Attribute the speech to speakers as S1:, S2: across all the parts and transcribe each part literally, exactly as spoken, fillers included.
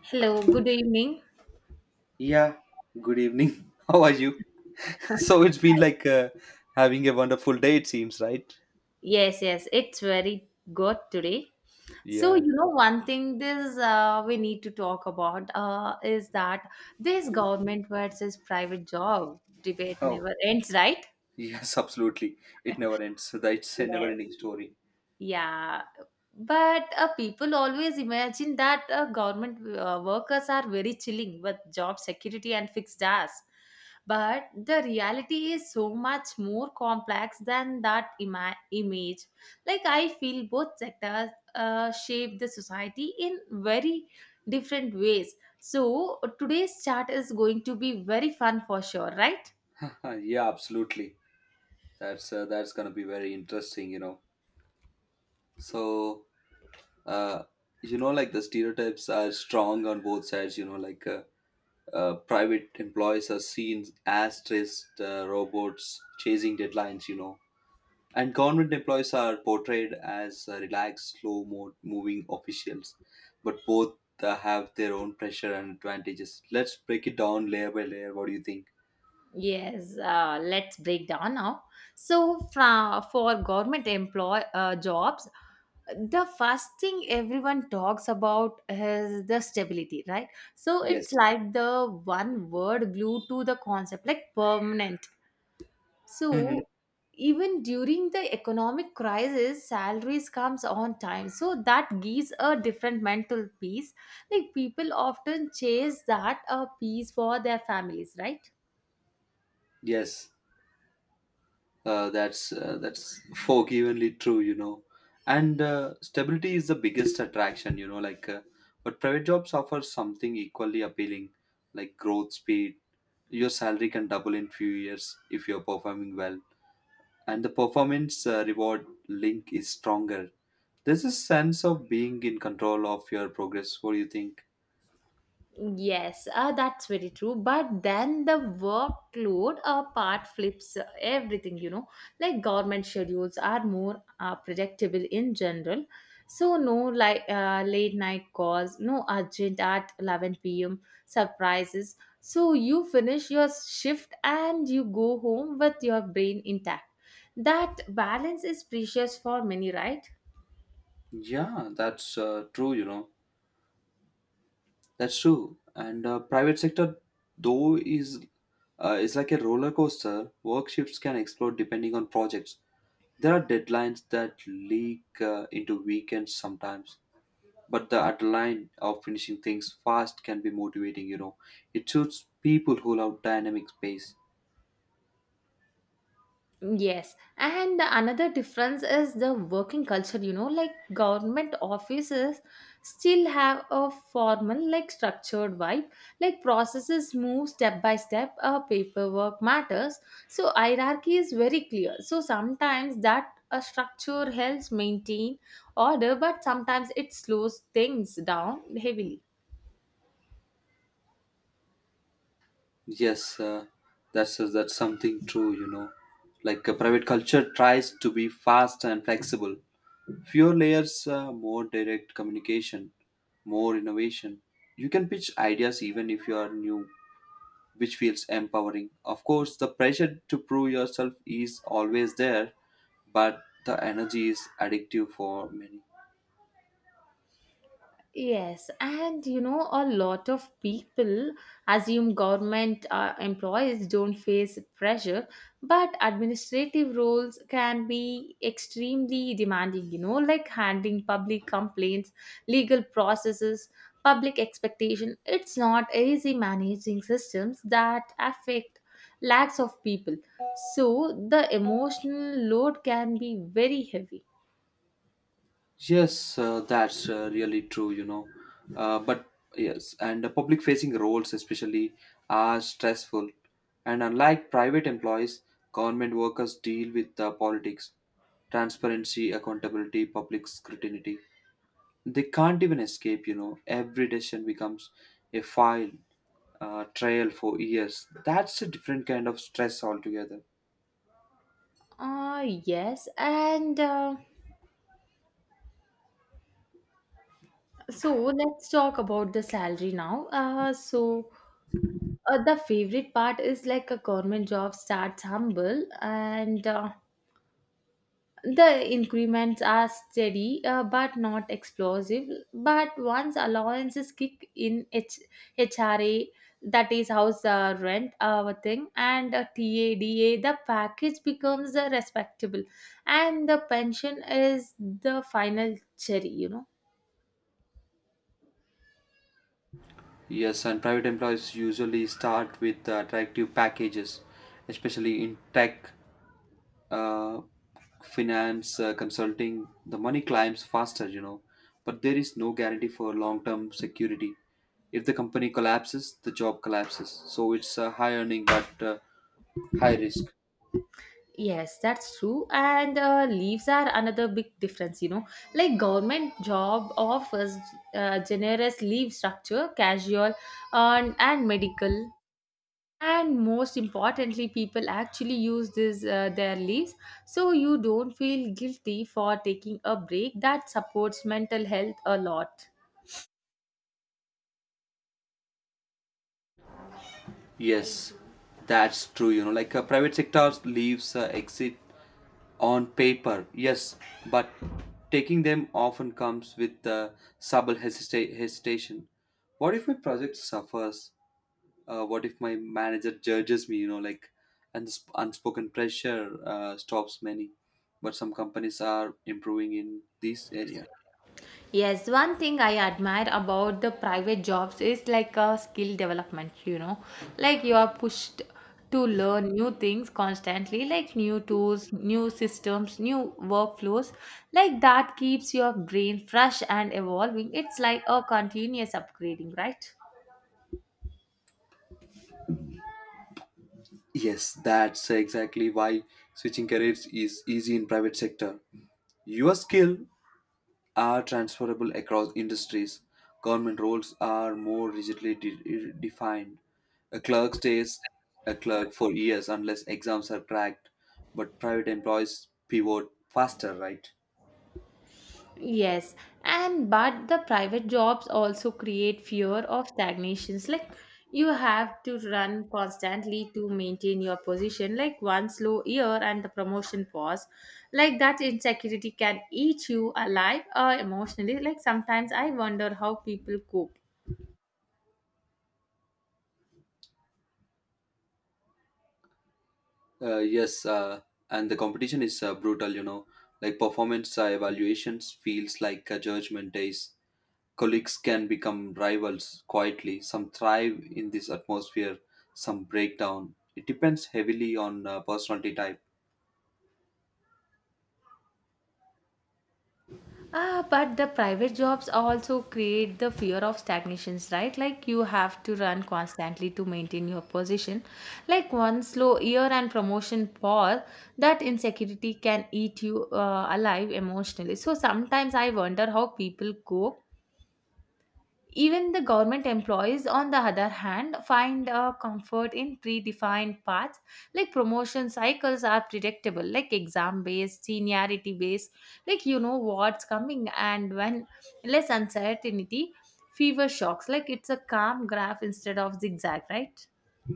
S1: Hello, good evening.
S2: Yeah, good evening. How are you? So it's been
S1: Hi.
S2: like uh, having a wonderful day, it seems, right?
S1: Yes, yes, it's very good today. So,
S2: Yeah.
S1: you know, one thing this uh, we need to talk about uh, is that this government versus private job debate
S2: Oh,
S1: never ends, right?
S2: yes, absolutely. It never ends. That's a
S1: Yes.
S2: never-ending story.
S1: Yeah, but uh, people always imagine that uh, government uh, workers are very chilling with job security and fixed hours. But the reality is so much more complex than that ima- image. Like, I feel both sectors uh, shape the society in very different ways. So, today's chat is going to be very fun for sure, right?
S2: yeah, absolutely. That's uh, that's gonna be very interesting, you know. So, uh, you know, like the stereotypes are strong on both sides. You know, like uh, uh, private employees are seen as stressed uh, robots chasing deadlines. You know, And government employees are portrayed as uh, relaxed, slow mo- moving officials, but both uh, have their own pressure and advantages. Let's break it down layer by layer. What do you think?
S1: Yes, uh, let's break down now. So, fra- for government employ uh, jobs, the first thing everyone talks about is the stability, right? So it's
S2: Yes.
S1: like the one word glued to the concept, like permanent.
S2: Hmm.
S1: So even during the economic crisis, salaries comes on time. So that gives a different mental peace. Like people often chase that uh, peace for their families, right?
S2: Yes, uh, that's uh, that's forgivenly true, you know. And uh, stability is the biggest attraction, you know. Like, uh, but private jobs offer something equally appealing, like growth speed. Your salary can double in few years if you're performing well. And the performance uh, reward link is stronger. There's a sense of being in control of your progress. What do you think?
S1: Yes, uh, that's very true. But then the workload uh, part flips uh, everything, you know. Like government schedules are more uh, predictable in general. So, no like uh, late night calls, no urgent at eleven p m surprises. So, you finish your shift and you go home with your brain intact. That balance is precious for many, right?
S2: Yeah, that's uh, true. You know, that's true. And uh, private sector, though, is uh, is like a roller coaster. Work shifts can explode depending on projects. There are deadlines that leak uh, into weekends sometimes, but the adrenaline of finishing things fast can be motivating. You know, It suits people who love dynamic pace.
S1: Yes, and the another difference is the working culture, you know, like government offices still have a formal, like structured vibe, like processes move step by step, uh, paperwork matters. So hierarchy is very clear. So sometimes that a structure helps maintain order, but sometimes it slows things down heavily.
S2: Yes, uh, that's uh, that's something true. You know, Like a private culture tries to be fast and flexible. Fewer layers, uh, more direct communication, more innovation. You can pitch ideas even if you are new, which feels empowering. Of course, the pressure to prove yourself is always there, but the energy is addictive for many.
S1: Yes, and you know, a lot of people assume government uh, employees don't face pressure, but administrative roles can be extremely demanding, you know, like handling public complaints, legal processes, public expectation. It's not easy managing systems that affect lakhs of people. So the emotional load can be very heavy.
S2: Yes, uh, that's uh, really true, you know. Uh, but Yes, and the public facing roles, especially, are stressful. And unlike private employees, government workers deal with uh, politics, transparency, accountability, public scrutiny. They can't even escape, you know. Every decision becomes a file, uh, trial for years. That's a different kind of stress altogether.
S1: Uh, yes, and uh, so let's talk about the salary now. Uh, so uh, the favorite part is like a government job starts humble and uh, the increments are steady uh, but not explosive. But once allowances kick in H- HRA, that is house uh, rent uh, thing, and uh, T A D A, the package becomes uh, respectable, and the pension is the final cherry, you know.
S2: Yes, and private employees usually start with uh, attractive packages, especially in tech, uh, finance, uh, consulting. The money climbs faster, you know, but there is no guarantee for long term security. If the company collapses, the job collapses. So it's uh, high earning but uh, high risk.
S1: Yes, that's true. And uh, leaves are another big difference, you know. Like government job offers uh, generous leave structure, casual and, and medical. And most importantly, people actually use this uh, their leaves, so you don't feel guilty for taking a break. That supports mental health a lot.
S2: Yes, that's true. You know, like uh, private sector leaves uh, exit on paper, yes, but taking them often comes with uh, subtle hesita- hesitation. What if my project suffers? Uh, what if my manager judges me? You know, like, and this unspoken pressure uh, stops many. But some companies are improving in this area.
S1: Yes, one thing I admire about the private jobs is like a skill development, you know. Like you are pushed to learn new things constantly, like new tools, new systems, new workflows. Like that keeps your brain fresh and evolving. It's like a continuous upgrading, right?
S2: Yes, that's exactly why switching careers is easy in private sector. Your skill are transferable across industries. Government roles are more rigidly de- defined. A clerk stays a clerk for years unless exams are cracked, but private employees pivot faster, right?
S1: Yes, and but the private jobs also create fear of stagnations. Like you have to run constantly to maintain your position, like one slow year and the promotion pause. Like that insecurity can eat you alive or emotionally. Like sometimes I wonder how people cope.
S2: Uh, yes, uh, and the competition is uh, brutal, you know. Like performance uh, evaluations feels like a judgment days. Colleagues can become rivals quietly. Some thrive in this atmosphere, some break down. It depends heavily on uh, personality type.
S1: Ah, but the private jobs also create the fear of stagnations, right? Like you have to run constantly to maintain your position. Like one slow year and promotion pause, that insecurity can eat you uh, alive emotionally. So sometimes I wonder how people cope even the government employees, on the other hand, find uh, comfort in predefined paths, like promotion cycles are predictable, like exam based, seniority based, like you know what's coming, and when less uncertainty, fever shocks, like it's a calm graph instead of zigzag, right?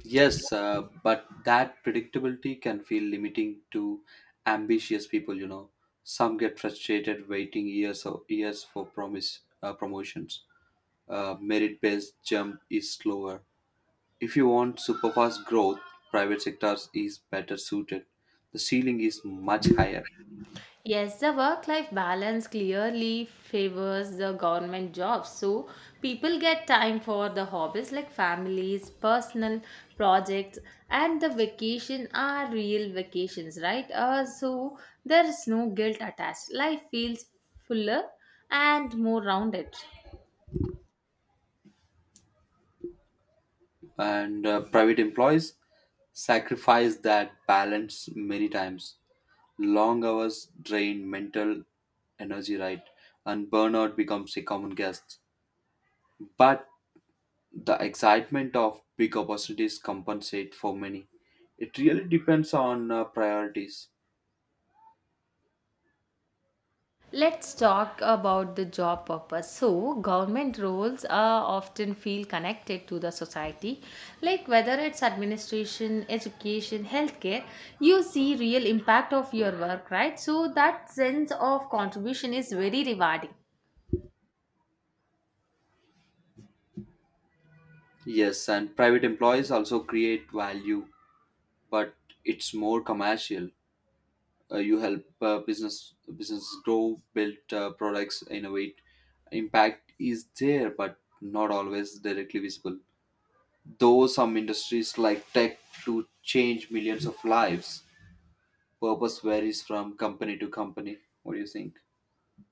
S2: Yes, uh, but that predictability can feel limiting to ambitious people, you know. Some get frustrated waiting years or years for promise uh, promotions. Uh, merit-based jump is slower. If you want super fast growth, private sectors is better suited. The ceiling is much higher.
S1: Yes, the work life balance clearly favors the government jobs. So people get time for the hobbies like families, personal projects, and the vacation are real vacations, right? Uh, so there is no guilt attached. Life feels fuller and more rounded.
S2: And uh, private employees sacrifice that balance many times. Long hours drain mental energy, right? And burnout becomes a common guest. But the excitement of big opportunities compensate for many. It really depends on uh, priorities.
S1: Let's talk about the job purpose. So, government roles are often feel connected to the society, like whether it's administration, education, healthcare. You see real impact of your work, right? So that sense of contribution is very rewarding.
S2: Yes, and private employees also create value, but it's more commercial. Uh, you help uh, business businesses grow, build uh, products, innovate. Impact is there, but not always directly visible. Though some industries like tech to change millions of lives, purpose varies from company to company. What do you think?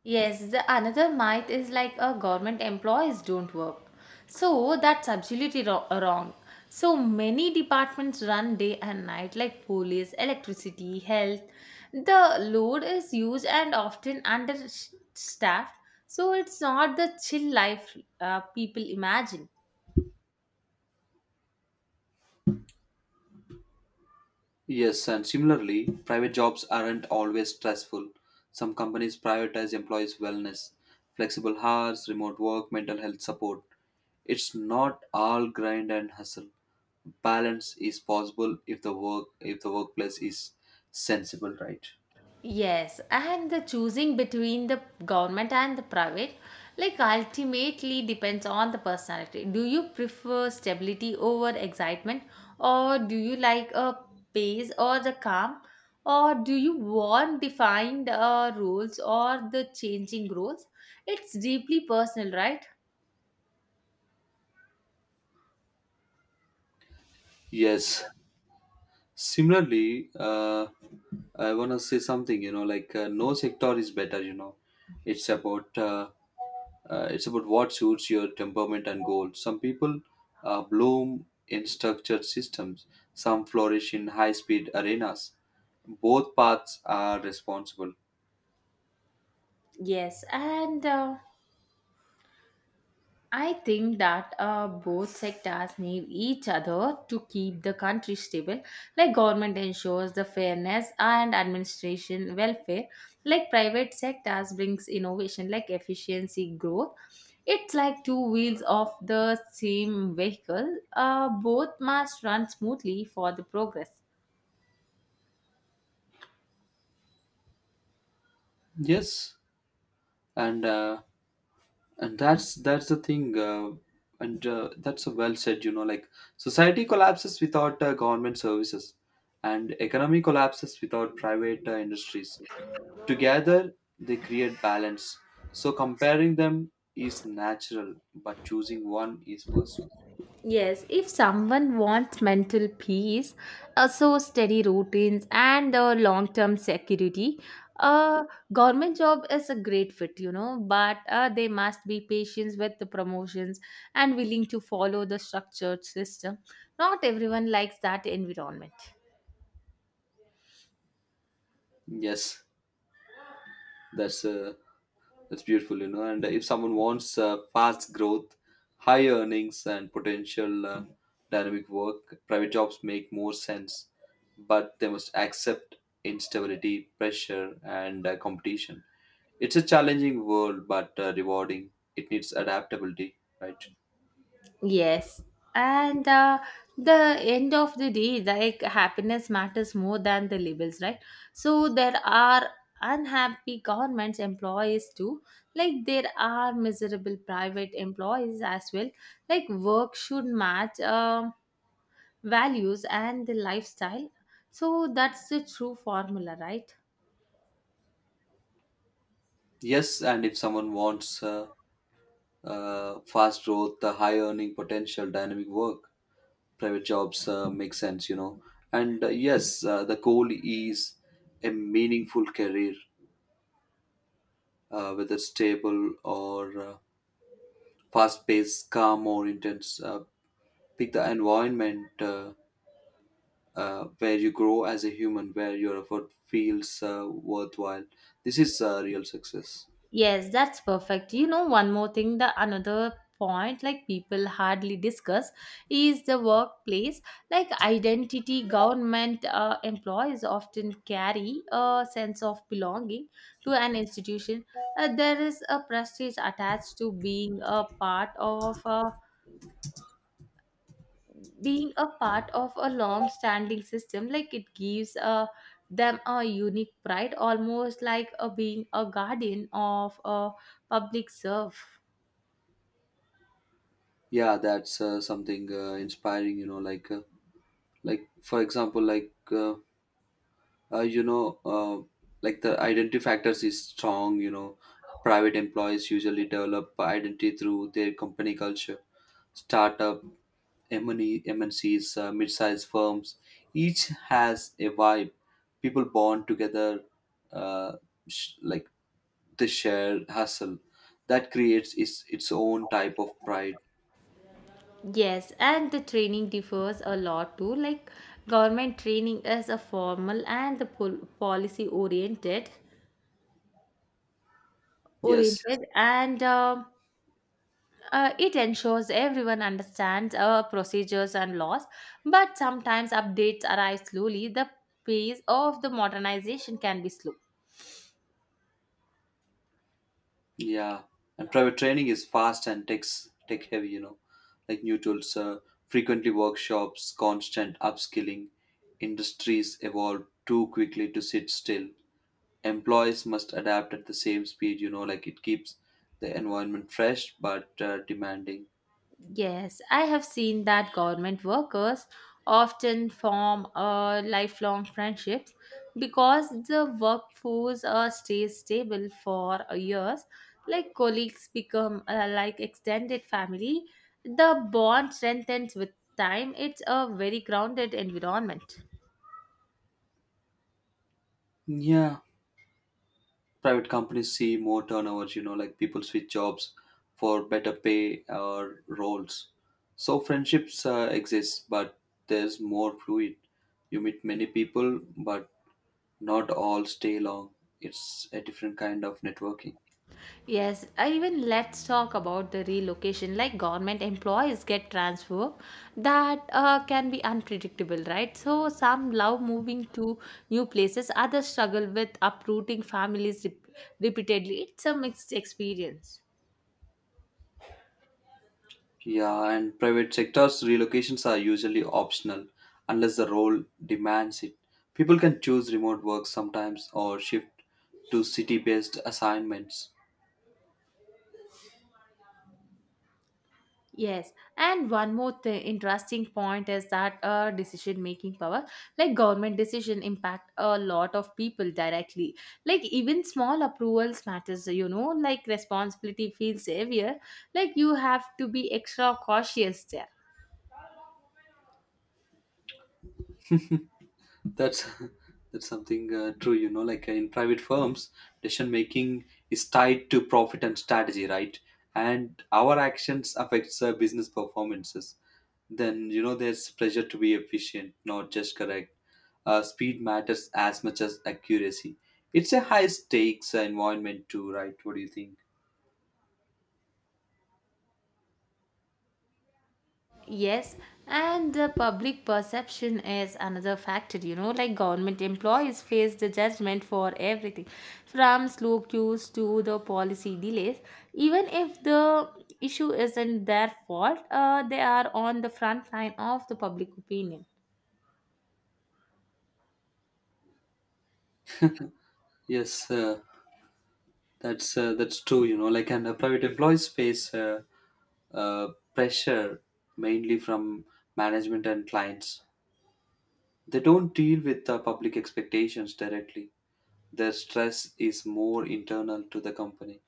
S1: Yes, the another myth is like a government employees don't work. So that's absolutely ro- uh, wrong. So many departments run day and night, like police, electricity, health. The load is huge and often understaffed. So it's not the chill life uh, people imagine.
S2: Yes, and similarly, private jobs aren't always stressful. Some companies prioritize employees' wellness, flexible hours, remote work, mental health support. It's not all grind and hustle. Balance is possible if the work if the workplace is sensible, right?
S1: Yes, and the choosing between the government and the private, like ultimately depends on the personality. Do you prefer stability over excitement, or do you like a pace or the calm, or do you want defined uh, rules or the changing rules? It's deeply personal, right?
S2: Yes, similarly uh, i want to say something, you know, like uh, no sector is better, you know, it's about uh, uh, it's about what suits your temperament and goals. Some people uh, bloom in structured systems, some flourish in high speed arenas. Both paths are responsible.
S1: Yes, and uh, I think that uh, both sectors need each other to keep the country stable. Like government ensures the fairness and administration welfare. Like private sectors brings innovation, like efficiency growth. It's like two wheels of the same vehicle. Uh, both must run smoothly for the progress.
S2: Yes and uh, and that's that's the thing uh, and uh, That's a well said, you know. Like society collapses without uh, government services and economy collapses without private uh, industries. Together they create balance, so comparing them is natural, but choosing one is personal.
S1: Yes, if someone wants mental peace, uh, so steady routines and uh, long term security, a government job is a great fit, you know, but uh, they must be patient with the promotions and willing to follow the structured system. Not everyone likes that environment.
S2: Yes that's a. That's beautiful, you know. And if someone wants uh, fast growth, high earnings, and potential uh, dynamic work, private jobs make more sense, but they must accept instability, pressure, and uh, competition. It's a challenging world, but uh, rewarding. It needs adaptability, right?
S1: Yes. And uh, the end of the day, like happiness matters more than the labels, right? So there are unhappy government employees too. Like there are miserable private employees as well. Like work should match um values and the lifestyle. So that's the true formula, right?
S2: Yes, and if someone wants uh, uh, fast growth, uh, high earning potential, dynamic work, private jobs uh, make sense, you know. And uh, yes uh, the goal is a meaningful career, uh, whether stable or uh, fast paced, calm or intense uh, Pick the environment uh, uh, where you grow as a human, where your effort feels uh, worthwhile. This is uh, real success.
S1: Yes, that's perfect. You know, one more thing, the another point like people hardly discuss is the workplace. Like identity, government uh, employees often carry a sense of belonging to an institution. Uh, there is a prestige attached to being a part of a being a part of a long-standing system. Like it gives uh, them a unique pride, almost like uh being a guardian of a public serve.
S2: Yeah that's uh, something uh, inspiring, you know. Like uh, like for example like uh, uh, you know, uh, Like the identity factors is strong. You know, private employees usually develop identity through their company culture, startup, M and E, M N Cs, uh, mid-sized firms. Each has a vibe. People bond together, uh, sh- like the shared hustle. That creates its its own type of pride.
S1: Yes, and the training differs a lot too. Like government training is a formal and the pol- policy oriented,
S2: Yes.
S1: oriented, and uh, uh, it ensures everyone understands uh, procedures and laws. But sometimes updates arrive slowly. The pace of the modernization can be slow.
S2: Yeah, and private training is fast and tech tech heavy. You know, like new tools, uh, frequently workshops, constant upskilling. Industries evolve too quickly to sit still. Employees must adapt at the same speed. You know, like it keeps the environment fresh but uh, demanding.
S1: Yes, I have seen that government workers often form a lifelong friendships because the workforce uh, stays stable for uh, years. Like colleagues become uh, like extended family, the bond strengthens with time. It's a very grounded environment.
S2: Yeah, private companies see more turnovers, you know. Like people switch jobs for better pay or roles, so friendships uh, exist, but there's more fluid. You meet many people, but not all stay long. It's a different kind of networking.
S1: Yes, I even let's talk about the relocation. Like government employees get transfer, that uh, can be unpredictable, right? So some love moving to new places, others struggle with uprooting families rep- repeatedly. It's a mixed experience.
S2: Yeah, and private sectors relocations are usually optional unless the role demands it. People can choose remote work sometimes or shift to city based assignments.
S1: Yes, and one more th- interesting point is that uh, decision making power, like government decision, impact a lot of people directly. Like even small approvals matters, you know. Like responsibility feels heavier. Like you have to be extra cautious there.
S2: That's that's something uh, true, you know. Like uh, in private firms, decision making is tied to profit and strategy, right? And our actions affects uh, business performances. Then you know there's pressure to be efficient, not just correct. Uh, speed matters as much as accuracy. It's a high stakes uh, environment too, right? What do you think?
S1: Yes, and the public perception is another factor, you know, like government employees face the judgment for everything from slow queues to the policy delays. Even if the issue isn't their fault, uh, they are on the front line of the public opinion.
S2: Yes, uh, that's uh, that's true. You know, like and uh, private employees face uh, uh, pressure mainly from management and clients. They don't deal with the public expectations directly. Their stress is more internal to the company.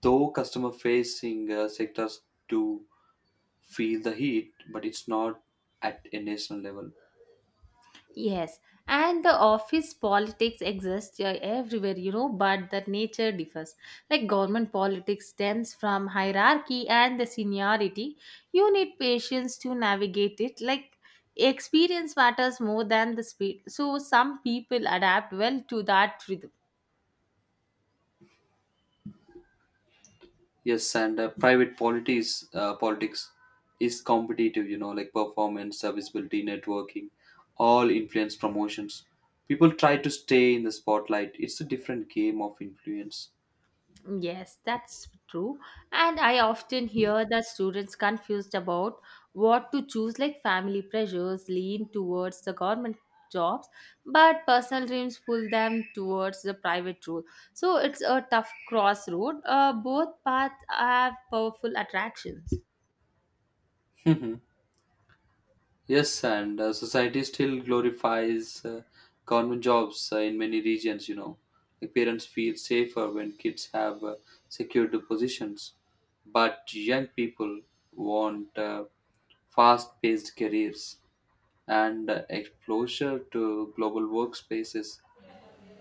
S2: Though customer facing uh, sectors do feel the heat, but it's not at a national level.
S1: Yes, and the office politics exist uh, everywhere, you know, but the nature differs. Like government politics stems from hierarchy and the seniority. You need patience to navigate it. Like experience matters more than the speed. So some people adapt well to that rhythm.
S2: Yes, and uh, private politics, uh, politics is competitive, you know, like performance, serviceability, networking, all influence promotions. People try to stay in the spotlight. It's a different game of influence.
S1: Yes, that's true. And I often hear that students confused about what to choose, like family pressures lean towards the government jobs, but personal dreams pull them towards the private road. So it's a tough crossroad. Uh, both paths have powerful attractions.
S2: Yes, and uh, society still glorifies uh, government jobs uh, in many regions. You know, like parents feel safer when kids have uh, secured positions, but young people want uh, fast-paced careers and uh, exposure to global workspaces.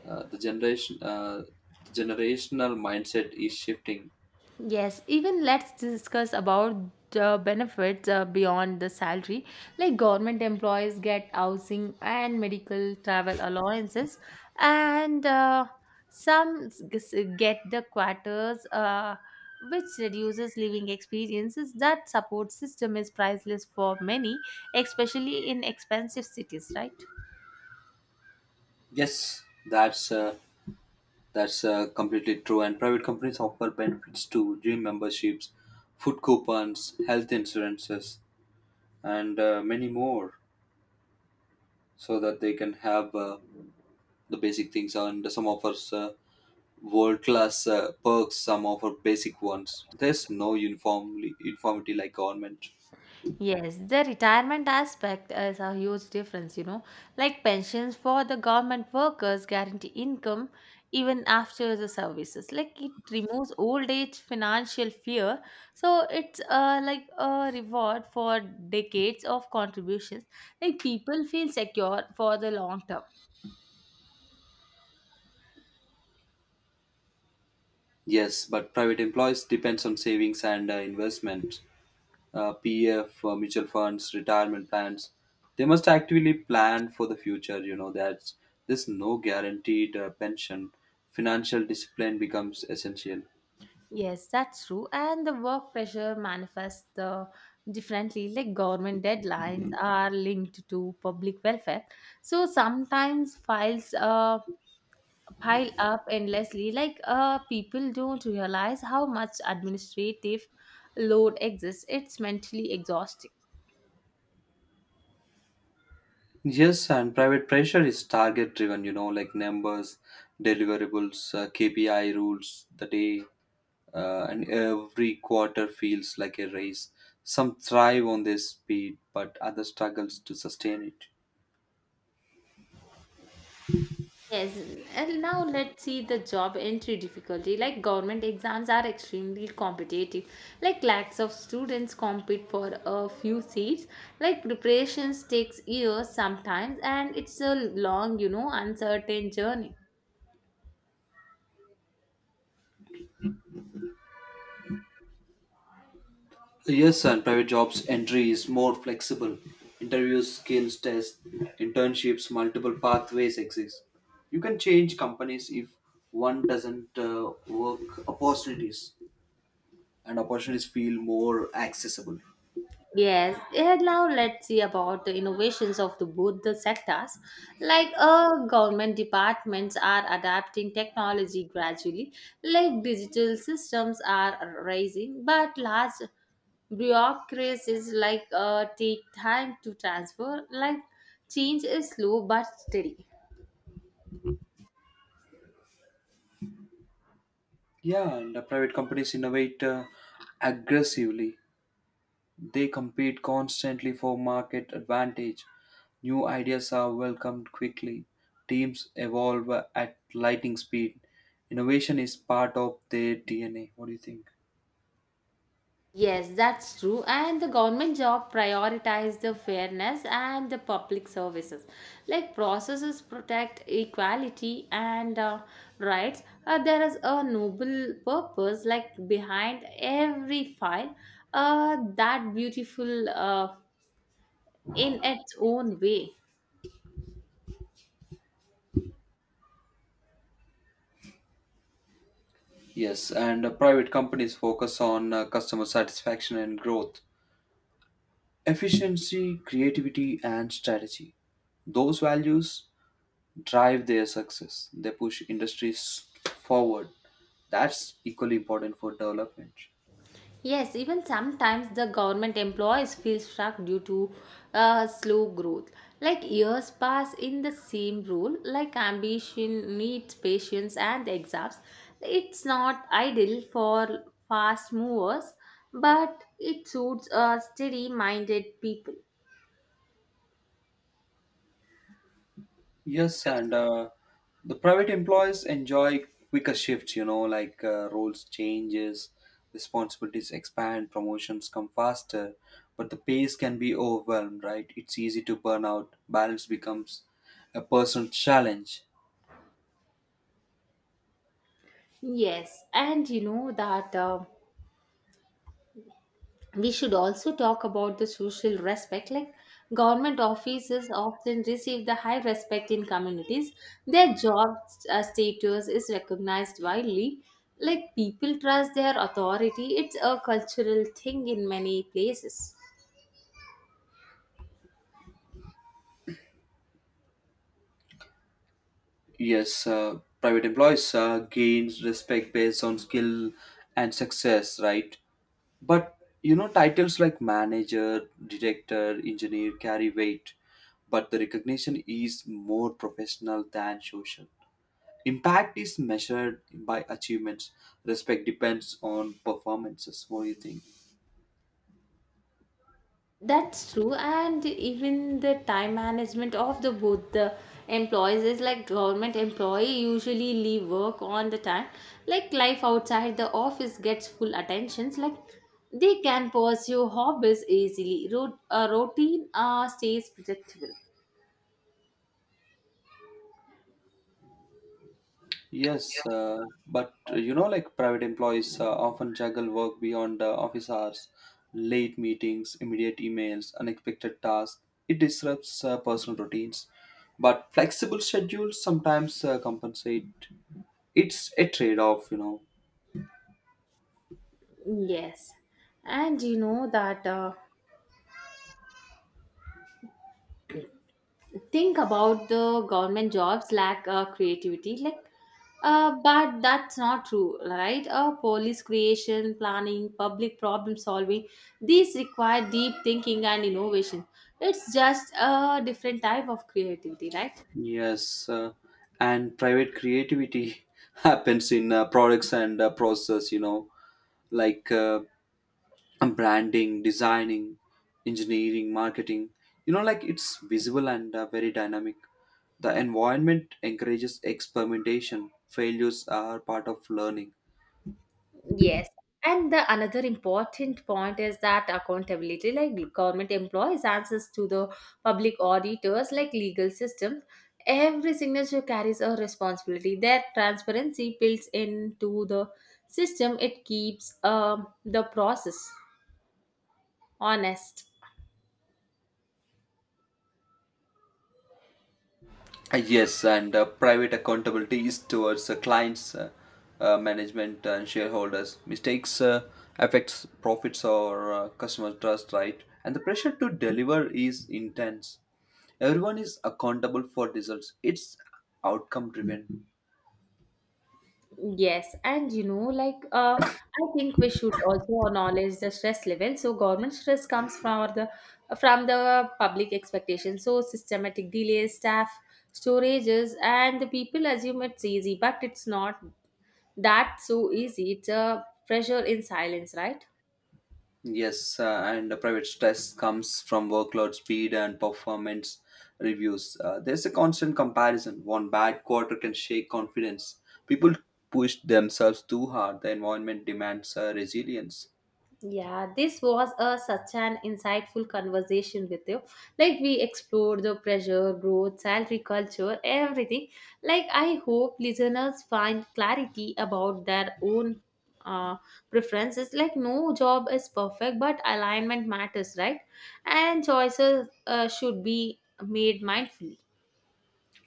S2: Uh, the generation, uh, the generational mindset is shifting.
S1: Yes, even let's discuss about the benefits uh, beyond the salary. Like government employees get housing and medical travel allowances, and uh, some s- g- s- get the quarters, uh, which reduces living experiences. That support system is priceless for many, especially in expensive cities, right?
S2: Yes, that's uh, That's uh, completely true. And private companies offer benefits to gym memberships, food coupons, health insurances, and uh, many more, so that they can have uh, the basic things. And some offers uh, world class uh, perks. Some offer basic ones. There's no uniformly uniformity like government.
S1: Yes, the retirement aspect is a huge difference, you know. Like pensions for the government workers guarantee income even after the services. Like it removes old age financial fear. So it's uh, like a reward for decades of contributions. Like people feel secure for the long term.
S2: Yes, but private employees depends on savings and uh, investment. uh, P F, uh, mutual funds, retirement plans. They must actively plan for the future. You know that there's no guaranteed uh, pension. Financial discipline becomes essential.
S1: Yes, that's true. And the work pressure manifests the differently. Like government deadlines are linked to public welfare, so sometimes files uh, pile up endlessly. Like uh, people don't realize how much administrative load exists. It's mentally exhausting.
S2: Yes, and private pressure is target driven. You know, like numbers, deliverables, uh, K P I rules, the day, uh, and every quarter feels like a race. Some thrive on this speed, but others struggles to sustain it.
S1: Yes, and now let's see the job entry difficulty. Like government exams are extremely competitive. Like lakhs of students compete for a few seats. Like preparations takes years sometimes, and it's a long, you know, uncertain journey.
S2: Yes, and private jobs entry is more flexible. Interviews, skills tests, internships, multiple pathways exist. You can change companies if one doesn't uh, work opportunities, and opportunities feel more accessible.
S1: Yes, and now let's see about the innovations of the, both the sectors. Like uh, government departments are adapting technology gradually, like digital systems are rising, but large bureaucracies like uh, take time to transfer. Like change is slow but steady.
S2: Yeah, and the private companies innovate uh, aggressively. They compete constantly for market advantage. New ideas are welcomed quickly. Teams evolve at lightning speed. Innovation is part of their D N A. What do you think?
S1: Yes, that's true. And the government job prioritize the fairness and the public services. Like processes protect equality and uh, rights. Uh, there is a noble purpose like behind every file. Uh, that beautiful uh, in its own way.
S2: Yes, and uh, private companies focus on uh, customer satisfaction and growth. Efficiency, creativity, and strategy. Those values drive their success. They push industries forward. That's equally important for development.
S1: Yes, even sometimes the government employees feel stuck due to uh, slow growth. Like years pass in the same role, like ambition needs patience and exams. It's not ideal for fast movers, but it suits uh, steady minded people.
S2: Yes, and uh, the private employees enjoy quicker shifts, you know, like uh, roles changes, responsibilities expand, promotions come faster, but the pace can be overwhelmed, right? It's easy to burn out. Balance becomes a personal challenge.
S1: Yes, and you know that. Uh, we should also talk about the social respect, like government offices often receive the high respect in communities. Their job uh, status is recognized widely. Like people trust their authority. It's a cultural thing in many places.
S2: Yes, uh, private employees uh, gains respect based on skill and success, right? But you know, titles like manager, director, engineer carry weight, but the recognition is more professional than social. Impact is measured by achievements. Respect depends on performances. What do you think?
S1: That's true, and even the time management of the both the employees is like government employee usually leave work on the time. Like life outside the office gets full attentions. Like they can pursue hobbies easily. Rot- uh, routine uh, stays predictable.
S2: Yes, uh, but uh, you know, like private employees uh, often juggle work beyond uh, office hours, late meetings, immediate emails, unexpected tasks. It disrupts uh, personal routines, but flexible schedules sometimes uh, compensate. It's a trade-off, you know.
S1: Yes, and you know that. Uh, think about the government jobs lack uh, creativity, like uh, but that's not true, right? Uh, police creation planning public problem solving, these require deep thinking and innovation. It's just a different type of creativity, right?
S2: Yes uh, and private creativity happens in uh, products and uh, process, you know. Like uh, branding, designing, engineering, marketing, you know, like it's visible and uh, very dynamic. The environment encourages experimentation, failures are part of learning.
S1: Yes. And the another important point is that accountability, like government employees answers to the public auditors, like legal systems. Every signature carries a responsibility. Their transparency builds into the system. It keeps um, the process honest.
S2: Uh, Yes, and uh, private accountability is towards uh, clients, uh, uh, management, and shareholders. Mistakes uh, affects profits or uh, customer trust, right? And the pressure to deliver is intense. Everyone is accountable for results. It's outcome driven.
S1: Yes, and you know, like uh, I think we should also acknowledge the stress level. So government stress comes from the from the public expectation. So systematic delays, staff shortages, and the people assume it's easy, but it's not that so easy. It's a pressure in silence, right?
S2: Yes, uh, and the private stress comes from workload speed and performance reviews. Uh, there's a constant comparison. One bad quarter can shake confidence. People push themselves too hard. The environment demands uh, resilience.
S1: Yeah, this was a such an insightful conversation with you. Like we explored the pressure, growth, salary culture, everything. Like I hope listeners find clarity about their own uh, preferences. Like no job is perfect, but alignment matters, right? And choices uh, should be made mindfully.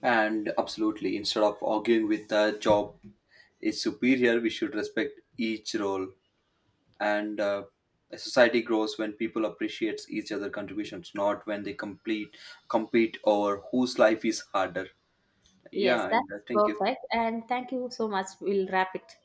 S2: And absolutely, instead of arguing with the job is superior, we should respect each role. And uh, a society grows when people appreciate each other contributions, not when they complete compete over whose life is harder.
S1: Yes,
S2: Yeah,
S1: that's
S2: and uh, thank you.
S1: perfect. And thank you so much. We'll wrap it.